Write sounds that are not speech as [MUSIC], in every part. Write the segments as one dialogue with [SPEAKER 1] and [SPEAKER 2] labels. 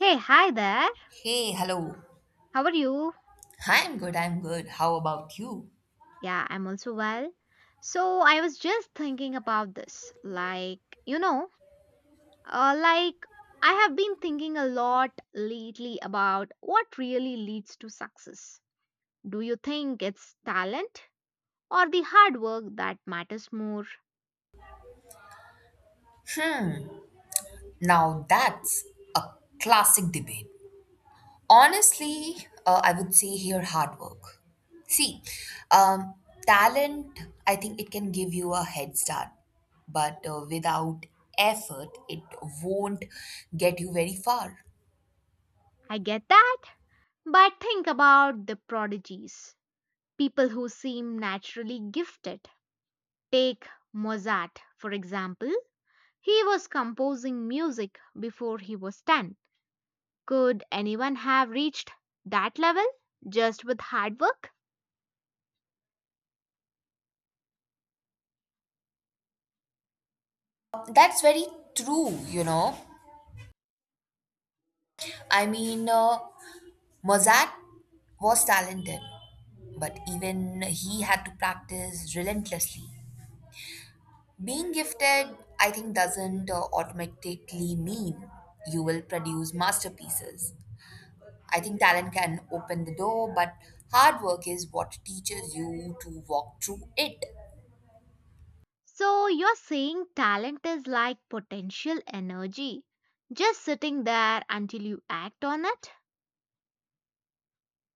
[SPEAKER 1] Hey, hi there.
[SPEAKER 2] Hey, hello.
[SPEAKER 1] How are you?
[SPEAKER 2] I'm good. How about you?
[SPEAKER 1] Yeah, I'm also well. So, I was just thinking about this. You know, uh, like I have been thinking a lot lately about what really leads to success. Do you think it's talent or the hard work that matters more?
[SPEAKER 2] Hmm, now that's a classic debate. Honestly, I would say here hard work. See, um, talent, I think it can give you a head start, but without effort, it won't get you very far.
[SPEAKER 1] I get that, but think about the prodigies, people who seem naturally gifted. Take Mozart, for example. He was composing music before he was 10. Could anyone have reached that level just with hard work?
[SPEAKER 2] That's very true, you know. I mean, Mozart was talented, but even he had to practice relentlessly. Being gifted, I think, doesn't automatically mean you will produce masterpieces. I think talent can open the door, but hard work is what teaches you to walk through it.
[SPEAKER 1] So you're saying talent is like potential energy, just sitting there until you act on it?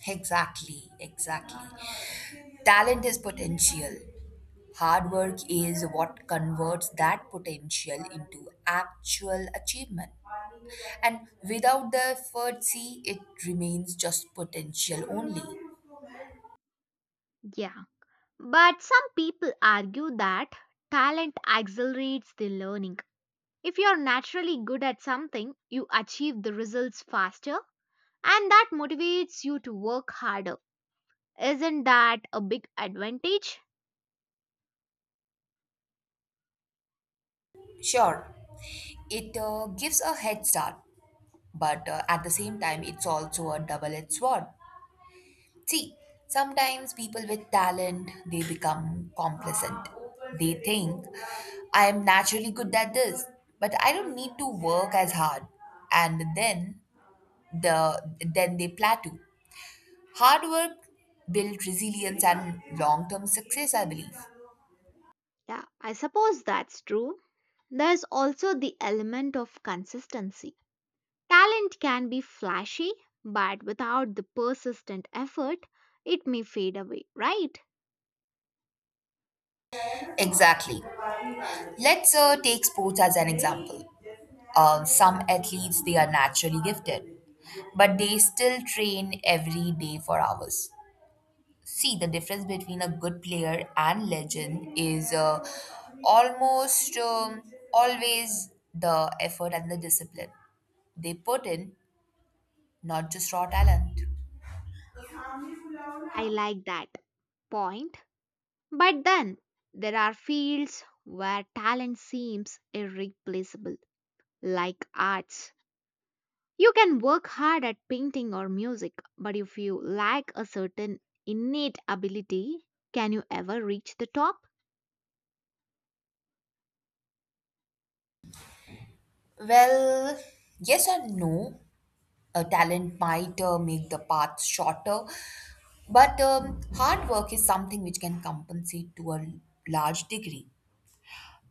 [SPEAKER 2] Exactly, exactly. Talent is potential. Hard work is what converts that potential into actual achievement. And without the effort, see, it remains just potential only.
[SPEAKER 1] Yeah. But some people argue that talent accelerates the learning. If you're naturally good at something, you achieve the results faster and that motivates you to work harder. Isn't that a big advantage?
[SPEAKER 2] Sure, it gives a head start, but at the same time, it's also a double edged sword. See, sometimes people with talent, they become complacent. They think, I am naturally good at this, but I don't need to work as hard. And then the then they plateau. Hard work builds resilience and long-term success, I believe.
[SPEAKER 1] Yeah, I suppose that's true. There's also the element of consistency. Talent can be flashy, but without the persistent effort, it may fade away, right?
[SPEAKER 2] Exactly. Let's take sports as an example. Some athletes they are naturally gifted, but they still train every day for hours. See, the difference between a good player and legend is almost always the effort and the discipline they put in, not just raw talent.
[SPEAKER 1] I like that point. But then, there are fields where talent seems irreplaceable, like arts. You can work hard at painting or music, but if you lack a certain innate ability, can you ever reach the top?
[SPEAKER 2] Well, yes and no. A talent might make the path shorter, but hard work is something which can compensate to a large degree.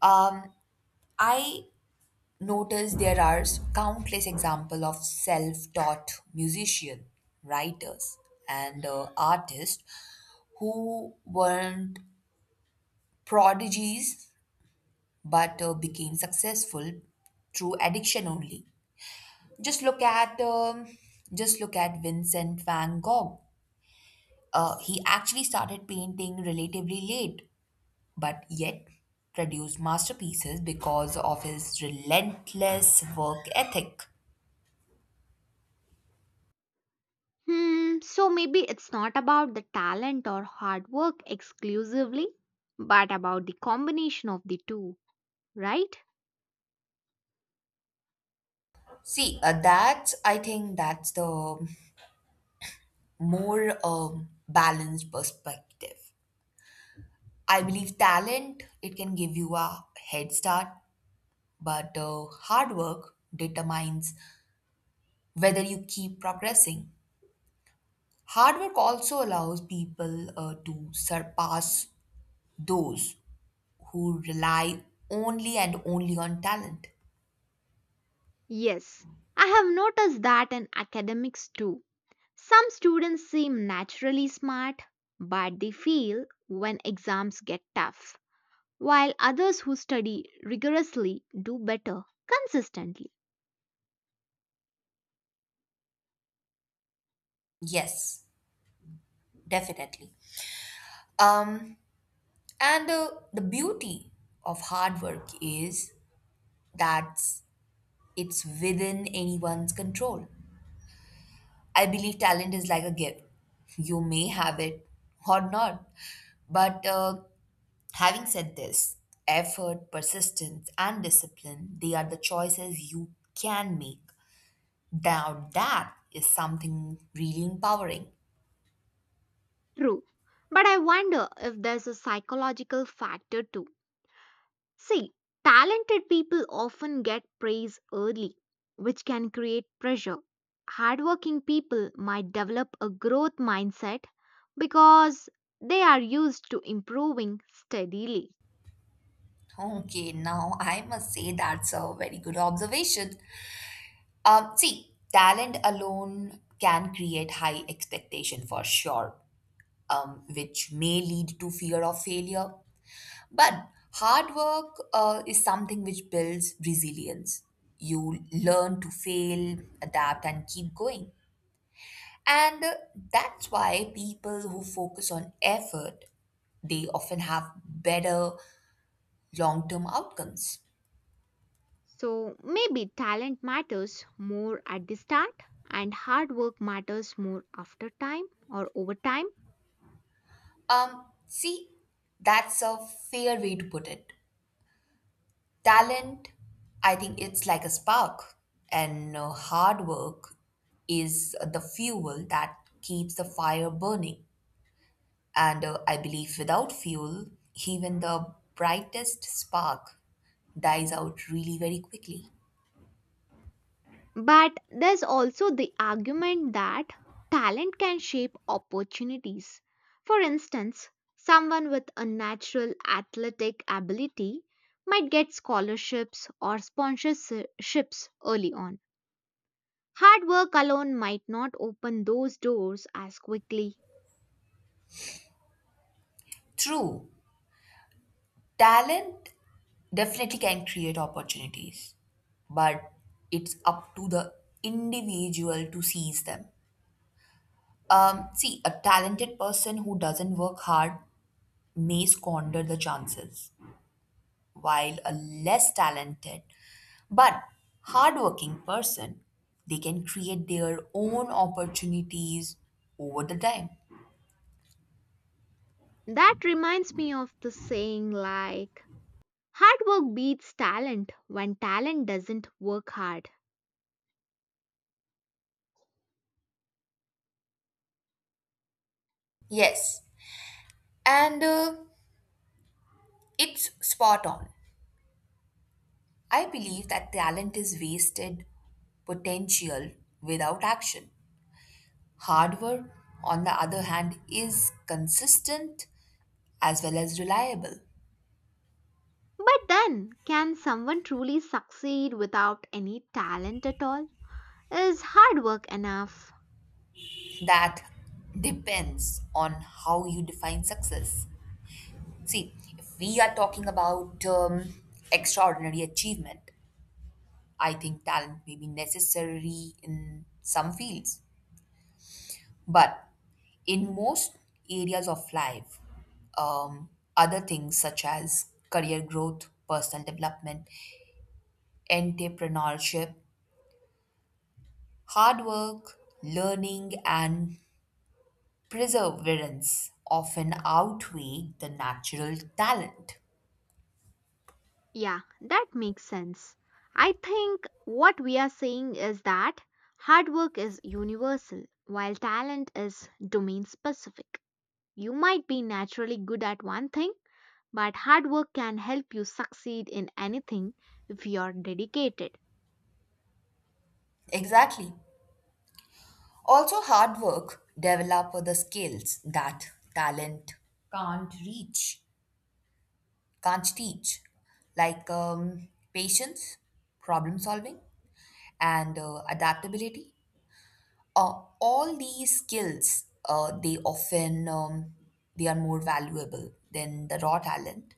[SPEAKER 2] Um, I notice there are countless examples of self-taught musicians, writers, and artists who weren't prodigies but became successful through addiction only. Just look at um, just look at Vincent Van Gogh. He actually started painting relatively late, but yet produced masterpieces because of his relentless work ethic.
[SPEAKER 1] Hmm, so maybe it's not about the talent or hard work exclusively, but about the combination of the two, right?
[SPEAKER 2] I think that's the more balanced perspective. I believe talent, it can give you a head start, but hard work determines whether you keep progressing. Hard work also allows people to surpass those who rely only and only on talent.
[SPEAKER 1] Yes, I have noticed that in academics too. Some students seem naturally smart, but they fail when exams get tough, while others who study rigorously do better consistently.
[SPEAKER 2] Yes, definitely. Um, and the beauty of hard work is that it's within anyone's control. I believe talent is like a gift. You may have it or not. But having said this, effort, persistence, and discipline, they are the choices you can make. Now, that is something really empowering.
[SPEAKER 1] True. But I wonder if there's a psychological factor too. See, talented people often get praise early, which can create pressure. Hardworking people might develop a growth mindset because they are used to improving steadily.
[SPEAKER 2] Okay, now I must say that's a very good observation. See, talent alone can create high expectation for sure, which may lead to fear of failure. But hard work is something which builds resilience. You learn to fail, adapt, and keep going. And that's why people who focus on effort, they often have better long-term outcomes.
[SPEAKER 1] So maybe talent matters more at the start and hard work matters more after time or over time.
[SPEAKER 2] See, that's a fair way to put it. Talent, I think it's like a spark, and hard work is the fuel that keeps the fire burning. And I believe without fuel, even the brightest spark dies out really very quickly.
[SPEAKER 1] But there's also the argument that talent can shape opportunities. For instance, someone with a natural athletic ability might get scholarships or sponsorships early on. Hard work alone might not open those doors as quickly.
[SPEAKER 2] True, talent definitely can create opportunities, but it's up to the individual to seize them. See, a talented person who doesn't work hard may squander the chances, while a less talented but hardworking person, they can create their own opportunities over the time.
[SPEAKER 1] That reminds me of the saying like, hard work beats talent when talent doesn't work hard.
[SPEAKER 2] Yes, and it's spot on. I believe that talent is wasted potential without action. Hard work, on the other hand, is consistent as well as reliable.
[SPEAKER 1] But then, can someone truly succeed without any talent at all? Is hard work enough?
[SPEAKER 2] That depends on how you define success. See, if we are talking about extraordinary achievement, I think talent may be necessary in some fields. But in most areas of life, um, other things such as career growth, personal development, entrepreneurship, hard work, learning, and perseverance often outweigh the natural talent.
[SPEAKER 1] Yeah, that makes sense. I think what we are saying is that hard work is universal, while talent is domain specific. You might be naturally good at one thing, but hard work can help you succeed in anything if you are dedicated.
[SPEAKER 2] Exactly. Also, hard work develop the skills that talent can't reach, can't teach, like patience, problem solving, and adaptability. All these skills, they are more valuable than the raw talent,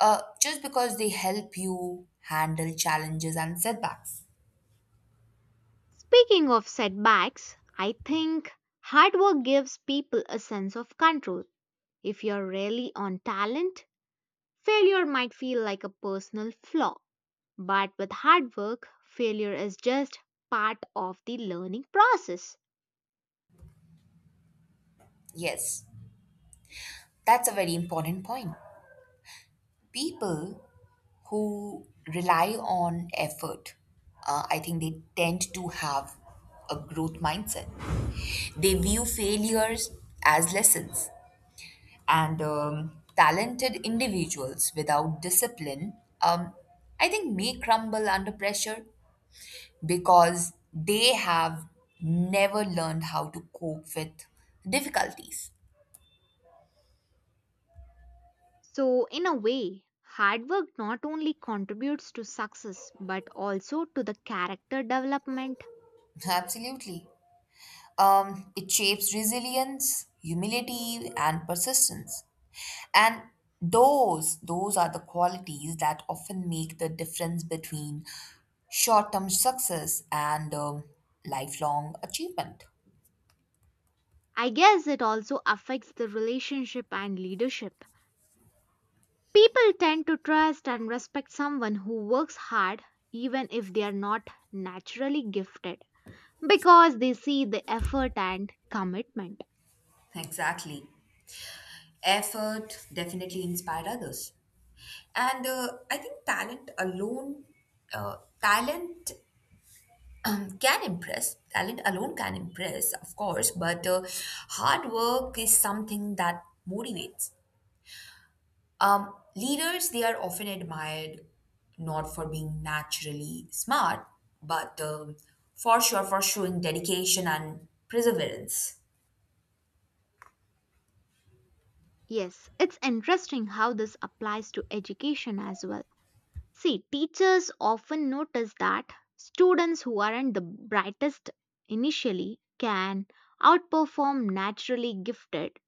[SPEAKER 2] just because they help you handle challenges and setbacks.
[SPEAKER 1] Speaking of setbacks, I think hard work gives people a sense of control. If you're really on talent, failure might feel like a personal flaw. But with hard work, failure is just part of the learning process.
[SPEAKER 2] Yes, that's a very important point. People who rely on effort, I think they tend to have a growth mindset. They view failures as lessons, and talented individuals without discipline, um, I think, may crumble under pressure because they have never learned how to cope with difficulties.
[SPEAKER 1] So, in a way, hard work not only contributes to success but also to the character development.
[SPEAKER 2] Absolutely. It shapes resilience, humility, and persistence. And those are the qualities that often make the difference between short term success and lifelong achievement.
[SPEAKER 1] I guess it also affects the relationship and leadership. People tend to trust and respect someone who works hard even if they are not naturally gifted, because they see the effort and commitment.
[SPEAKER 2] Exactly. Effort definitely inspired others. And I think talent alone, talent can impress. Talent alone can impress, of course, but hard work is something that motivates. Leaders, they are often admired not for being naturally smart, but for sure for showing dedication and perseverance.
[SPEAKER 1] Yes, it's interesting how this applies to education as well. See, teachers often notice that students who aren't the brightest initially can outperform naturally gifted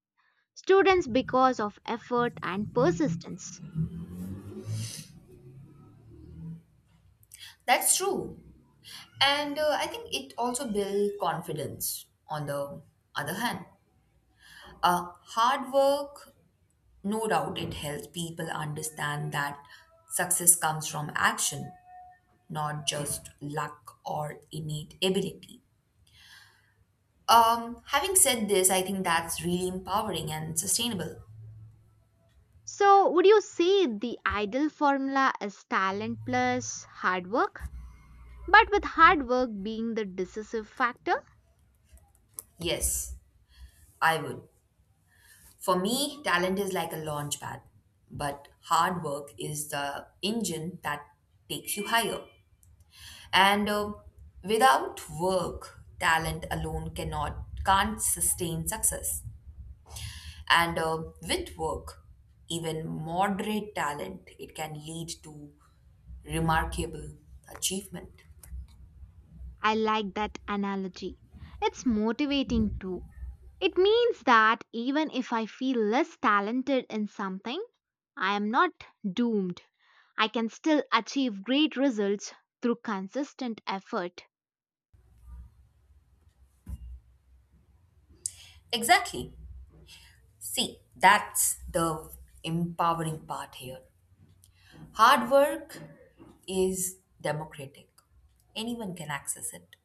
[SPEAKER 1] students because of effort and persistence.
[SPEAKER 2] That's true. And I think it also builds confidence on the other hand. Hard work, no doubt, it helps people understand that success comes from action not just luck or innate ability. Having said this, I think that's really empowering and sustainable.
[SPEAKER 1] So, would you say the ideal formula is talent plus hard work? But with hard work being the decisive factor?
[SPEAKER 2] Yes, I would. For me, talent is like a launch pad, but hard work is the engine that takes you higher. And without work, talent alone cannot can't sustain success. And with work, even moderate talent, it can lead to remarkable achievement.
[SPEAKER 1] I like that analogy. It's motivating too. It means that even if I feel less talented in something, I am not doomed. I can still achieve great results through consistent effort.
[SPEAKER 2] Exactly. See, that's the empowering part here. Hard work is democratic, anyone can access it.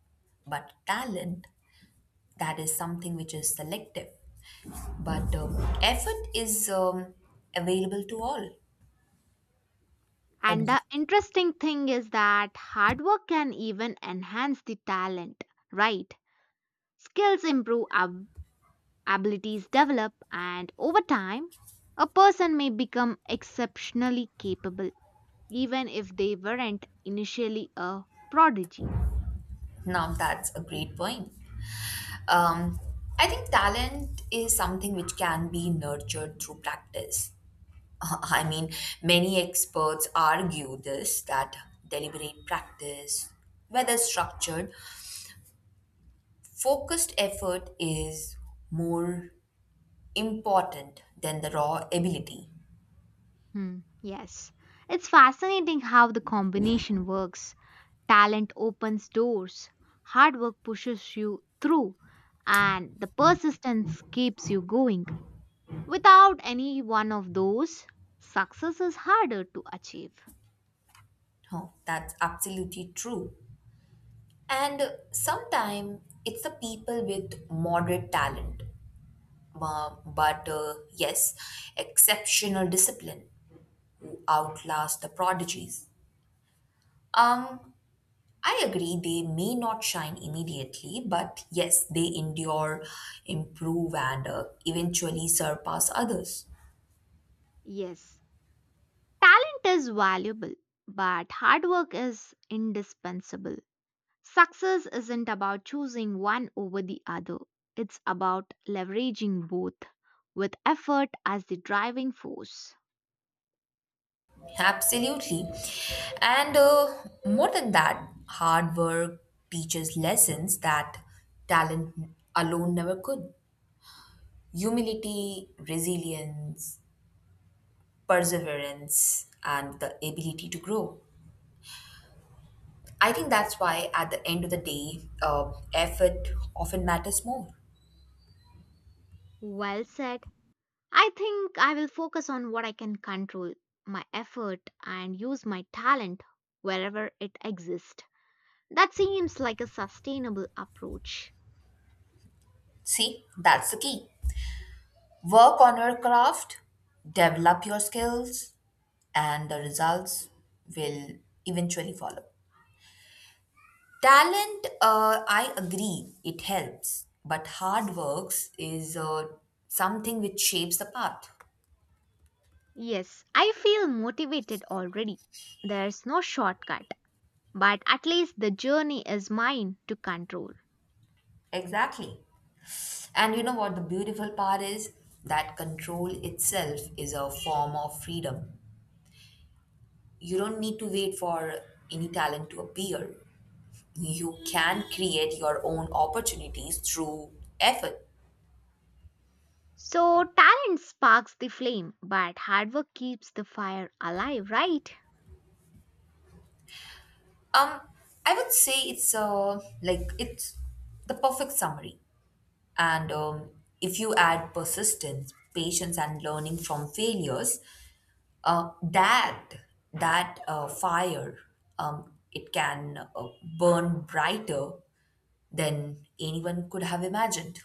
[SPEAKER 2] But talent, that is something which is selective. But effort is available to all, I
[SPEAKER 1] And the
[SPEAKER 2] believe.
[SPEAKER 1] interesting thing is that hard work can even enhance the talent, right? Skills improve, abilities develop, and over time, a person may become exceptionally capable, even if they weren't initially a prodigy.
[SPEAKER 2] Now that's a great point. Um, I think talent is something which can be nurtured through practice. [LAUGHS] I mean, many experts argue this that deliberate practice, whether structured, focused effort is more important than the raw ability.
[SPEAKER 1] Hmm, yes. It's fascinating how the combination works. Talent opens doors, hard work pushes you through, and the persistence keeps you going. Without any one of those, success is harder to achieve.
[SPEAKER 2] Oh, that's absolutely true. And sometimes it's the people with moderate talent but yes, exceptional discipline to outlast the prodigies. Um, I agree, they may not shine immediately, but yes, they endure, improve, and eventually surpass others.
[SPEAKER 1] Yes, talent is valuable, but hard work is indispensable. Success isn't about choosing one over the other, it's about leveraging both with effort as the driving force.
[SPEAKER 2] Absolutely. And more than that, hard work teaches lessons that talent alone never could humility, resilience, perseverance, and the ability to grow. I think that's why, at the end of the day, effort often matters more.
[SPEAKER 1] Well said. I think I will focus on what I can control, my effort, and use my talent wherever it exists. That seems like a sustainable approach.
[SPEAKER 2] See, that's the key. Work on your craft, develop your skills, and the results will eventually follow. Talent, I agree, it helps, but hard works is something which shapes the path.
[SPEAKER 1] Yes, I feel motivated already. There's no shortcut, but at least the journey is mine to control.
[SPEAKER 2] Exactly. And you know what the beautiful part is? That control itself is a form of freedom. You don't need to wait for any talent to appear. You can create your own opportunities through effort.
[SPEAKER 1] So, talent sparks the flame, but hard work keeps the fire alive, right?
[SPEAKER 2] Um, I would say it's it's the perfect summary. And if you add persistence, patience, and learning from failures, that that fire it can burn brighter than anyone could have imagined.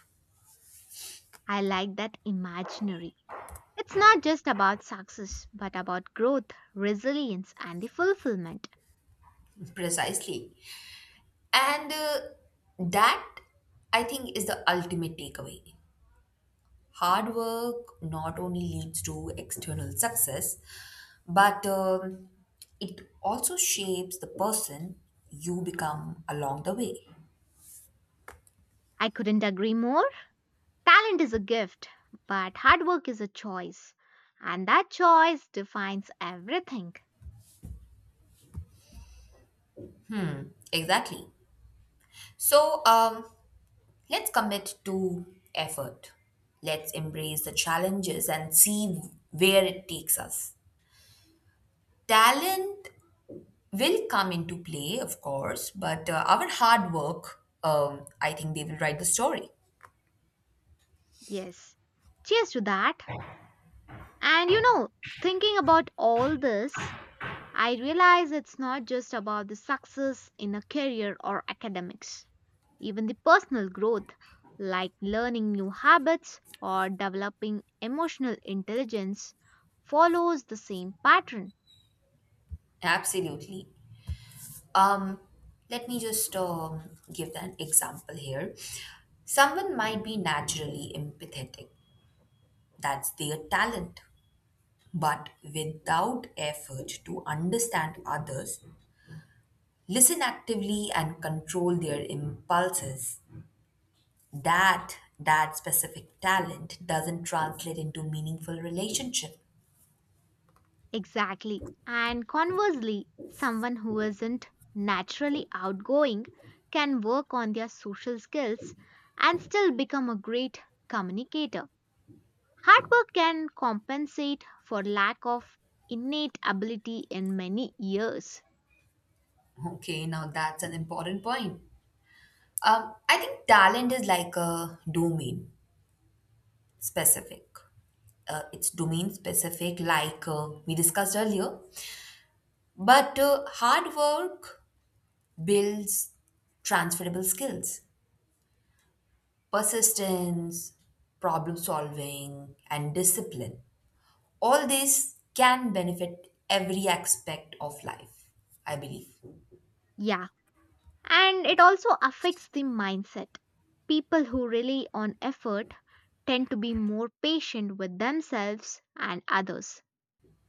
[SPEAKER 1] I like that imaginary. It's not just about success, but about growth, resilience, and the fulfillment.
[SPEAKER 2] Precisely. And that, I think, is the ultimate takeaway. Hard work not only leads to external success, but it also shapes the person you become along the way.
[SPEAKER 1] I couldn't agree more. Talent is a gift, but hard work is a choice. And that choice defines everything.
[SPEAKER 2] Exactly. So let's commit to effort. Let's embrace the challenges and see where it takes us. Talent will come into play, of course, but our hard work, I think they will write the story.
[SPEAKER 1] Yes. Cheers to that. And you know, thinking about all this, I realize it's not just about the success in a career or academics. Even the personal growth, like learning new habits or developing emotional intelligence, follows the same pattern.
[SPEAKER 2] Absolutely. Um, Let me just give an example here. Someone might be naturally empathetic, that's their talent. But without effort to understand others, listen actively and control their impulses, that specific talent doesn't translate into meaningful relationship.
[SPEAKER 1] Exactly. And conversely, someone who isn't naturally outgoing can work on their social skills and still become a great communicator. Hard work can compensate for lack of innate ability in many years.
[SPEAKER 2] Okay, now that's an important point. I think talent is like a domain specific. It's domain specific, like we discussed earlier. But hard work builds transferable skills, persistence, problem solving, and discipline. All this can benefit every aspect of life, I believe.
[SPEAKER 1] Yeah, and it also affects the mindset. People who rely on effort tend to be more patient with themselves and others.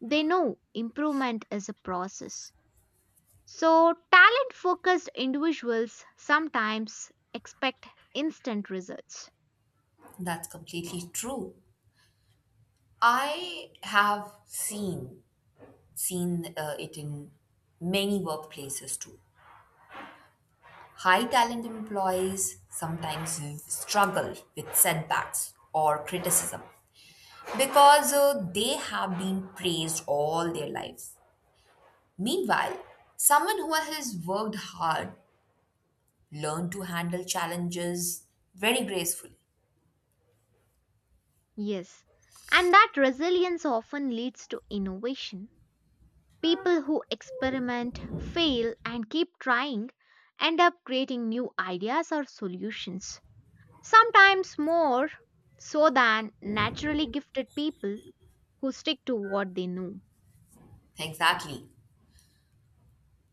[SPEAKER 1] They know improvement is a process. So, talent focused individuals sometimes expect instant results.
[SPEAKER 2] That's completely true. I have seen it in many workplaces too. High talent employees sometimes struggle with setbacks or criticism because they have been praised all their lives. Meanwhile, someone who has worked hard learned to handle challenges very gracefully.
[SPEAKER 1] Yes, and that resilience often leads to innovation. People who experiment, fail, and keep trying end up creating new ideas or solutions, sometimes more so than naturally gifted people who stick to what they know.
[SPEAKER 2] Exactly.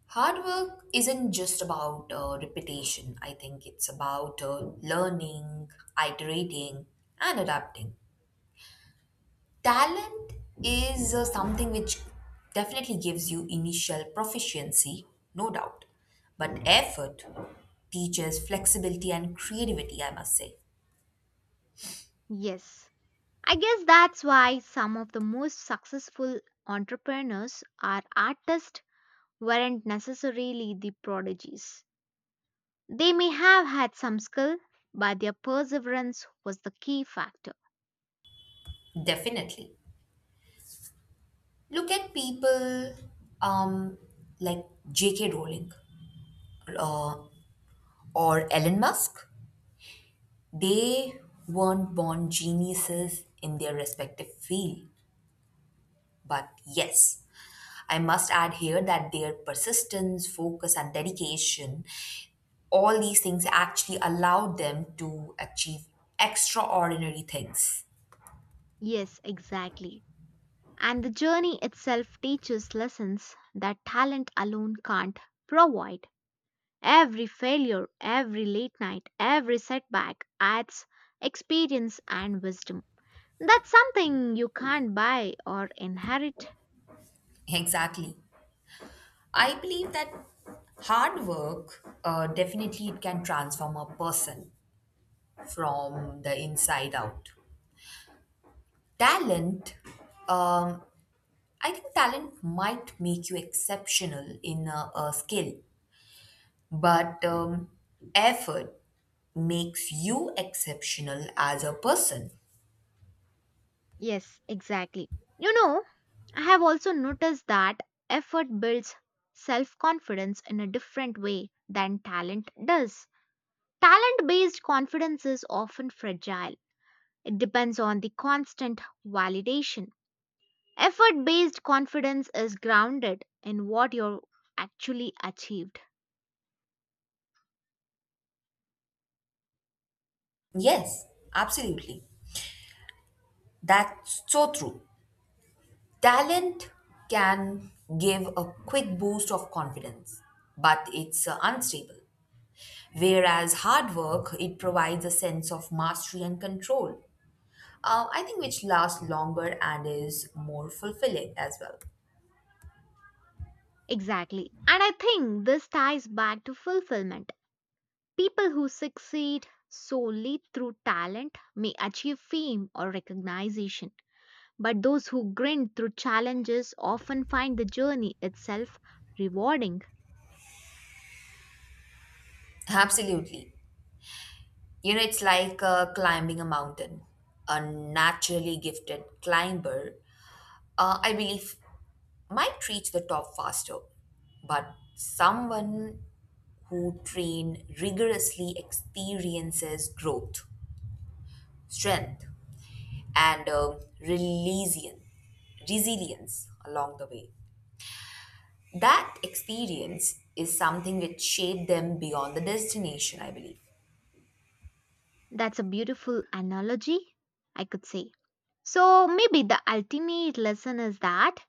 [SPEAKER 2] Hard work isn't just about repetition. I think it's about learning, iterating, and adapting. Talent is something which definitely gives you initial proficiency, no doubt. But effort teaches flexibility and creativity, I must say.
[SPEAKER 1] Yes, I guess that's why some of the most successful entrepreneurs or artists weren't necessarily the prodigies. They may have had some skill, but their perseverance was the key factor.
[SPEAKER 2] Definitely. Look at people um, like J.K. Rowling uh, or Elon Musk. They weren't born geniuses in their respective field. But yes, I must add here that their persistence, focus, and dedication all these things actually allowed them to achieve extraordinary things.
[SPEAKER 1] Yes, exactly. And the journey itself teaches lessons that talent alone can't provide. Every failure, every late night, every setback adds experience and wisdom. That's something you can't buy or inherit.
[SPEAKER 2] Exactly. I believe that hard work definitely it can transform a person from the inside out. Talent, um, I think talent might make you exceptional in a skill, but effort makes you exceptional as a person.
[SPEAKER 1] Yes, exactly. You know, I have also noticed that effort builds self confidence in a different way than talent does. Talent based confidence is often fragile. It depends on the constant validation. Effort based confidence is grounded in what you're actually achieved.
[SPEAKER 2] Yes, absolutely. That's so true. Talent can give a quick boost of confidence, but it's unstable. Whereas hard work, it provides a sense of mastery and control. I think which lasts longer and is more fulfilling as well.
[SPEAKER 1] Exactly. And I think this ties back to fulfillment. People who succeed solely through talent may achieve fame or recognition, but those who grind through challenges often find the journey itself rewarding.
[SPEAKER 2] Absolutely. You know, it's like climbing a mountain. A naturally gifted climber I believe, might reach the top faster, but someone who train rigorously experiences growth, strength, and resilience along the way. That experience is something which shaped them beyond the destination, I believe.
[SPEAKER 1] That's a beautiful analogy, I could say. So maybe the ultimate lesson is that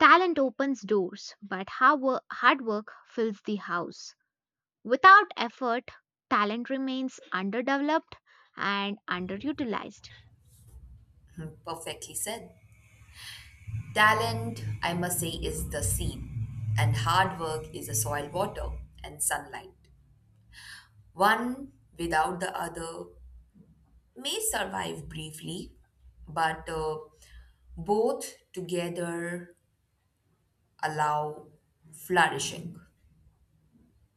[SPEAKER 1] talent opens doors, but hard work fills the house. Without effort, talent remains underdeveloped and underutilized.
[SPEAKER 2] Hmm, perfectly said. Talent, I must say, is the seed, and hard work is the soil, water, and sunlight. One without the other may survive briefly, but both together allow flourishing.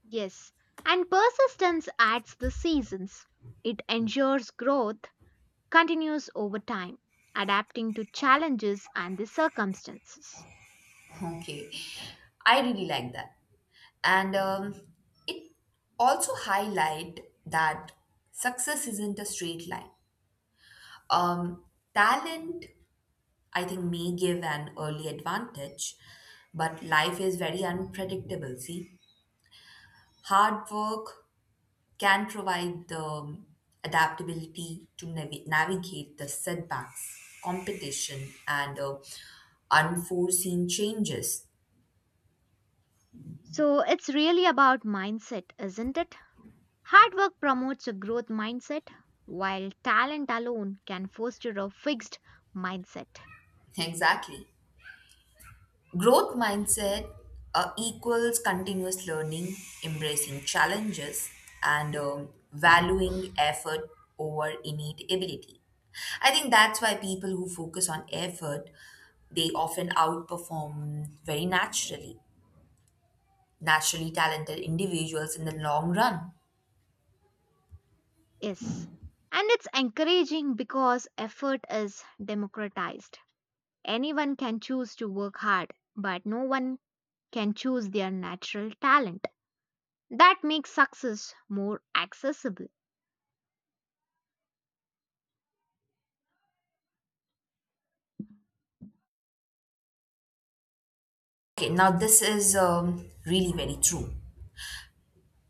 [SPEAKER 1] Yes, and persistence adds the seasons. It ensures growth continues over time, adapting to challenges and the circumstances.
[SPEAKER 2] Okay, I really like that. And it also highlight that success isn't a straight line. Um, Talent, I think, may give an early advantage, but life is very unpredictable. See, hard work can provide the adaptability to navigate the setbacks, competition, and unforeseen changes.
[SPEAKER 1] So it's really about mindset, isn't it? Hard work promotes a growth mindset, while talent alone can foster a fixed mindset.
[SPEAKER 2] Exactly. Growth mindset equals continuous learning, embracing challenges, and valuing effort over innate ability. I think that's why people who focus on effort they often outperform very naturally. Naturally talented individuals in the long run.
[SPEAKER 1] Yes, and it's encouraging because effort is democratized. Anyone can choose to work hard, but no one can choose their natural talent. That makes success more accessible.
[SPEAKER 2] Okay, now this is really very true.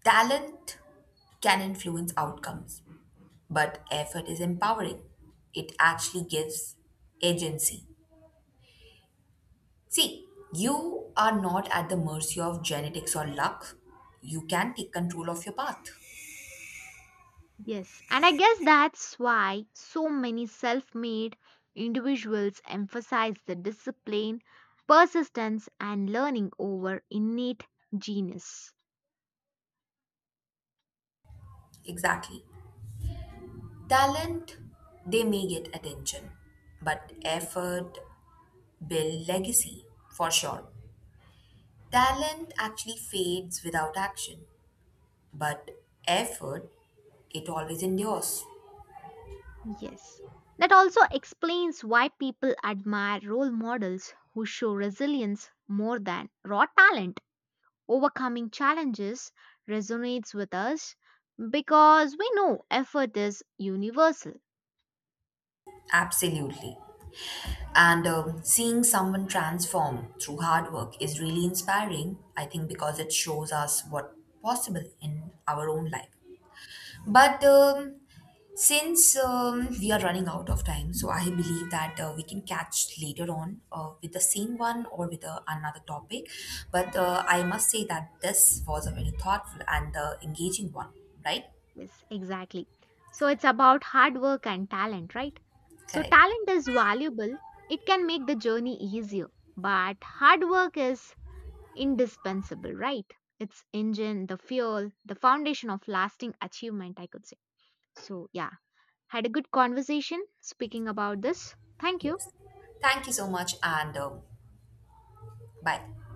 [SPEAKER 2] Talent can influence outcomes, but effort is empowering. It actually gives agency. See, you are not at the mercy of genetics or luck. You can take control of your path.
[SPEAKER 1] Yes, and I guess that's why so many self made individuals emphasize the discipline, persistence, and learning over innate genius.
[SPEAKER 2] Exactly. Talent, they may get attention, but effort build legacy for sure. Talent actually fades without action, but effort, it always endures.
[SPEAKER 1] Yes. That also explains why people admire role models who show resilience more than raw talent. Overcoming challenges resonates with us because we know effort is universal.
[SPEAKER 2] Absolutely. And seeing someone transform through hard work is really inspiring, I think, because it shows us what possible in our own life. But since we are running out of time, so I believe that we can catch later on with the same one or with another topic. But I must say that this was a very thoughtful and engaging one, right?
[SPEAKER 1] Yes, exactly. So it's about hard work and talent, right? So
[SPEAKER 2] Correct.
[SPEAKER 1] talent is valuable, it can make the journey easier, but hard work is indispensable, right? Its engine, the fuel, the foundation of lasting achievement, I could say. So, yeah, had a good conversation speaking about this. Thank you.
[SPEAKER 2] Yes. Thank you so much, and bye.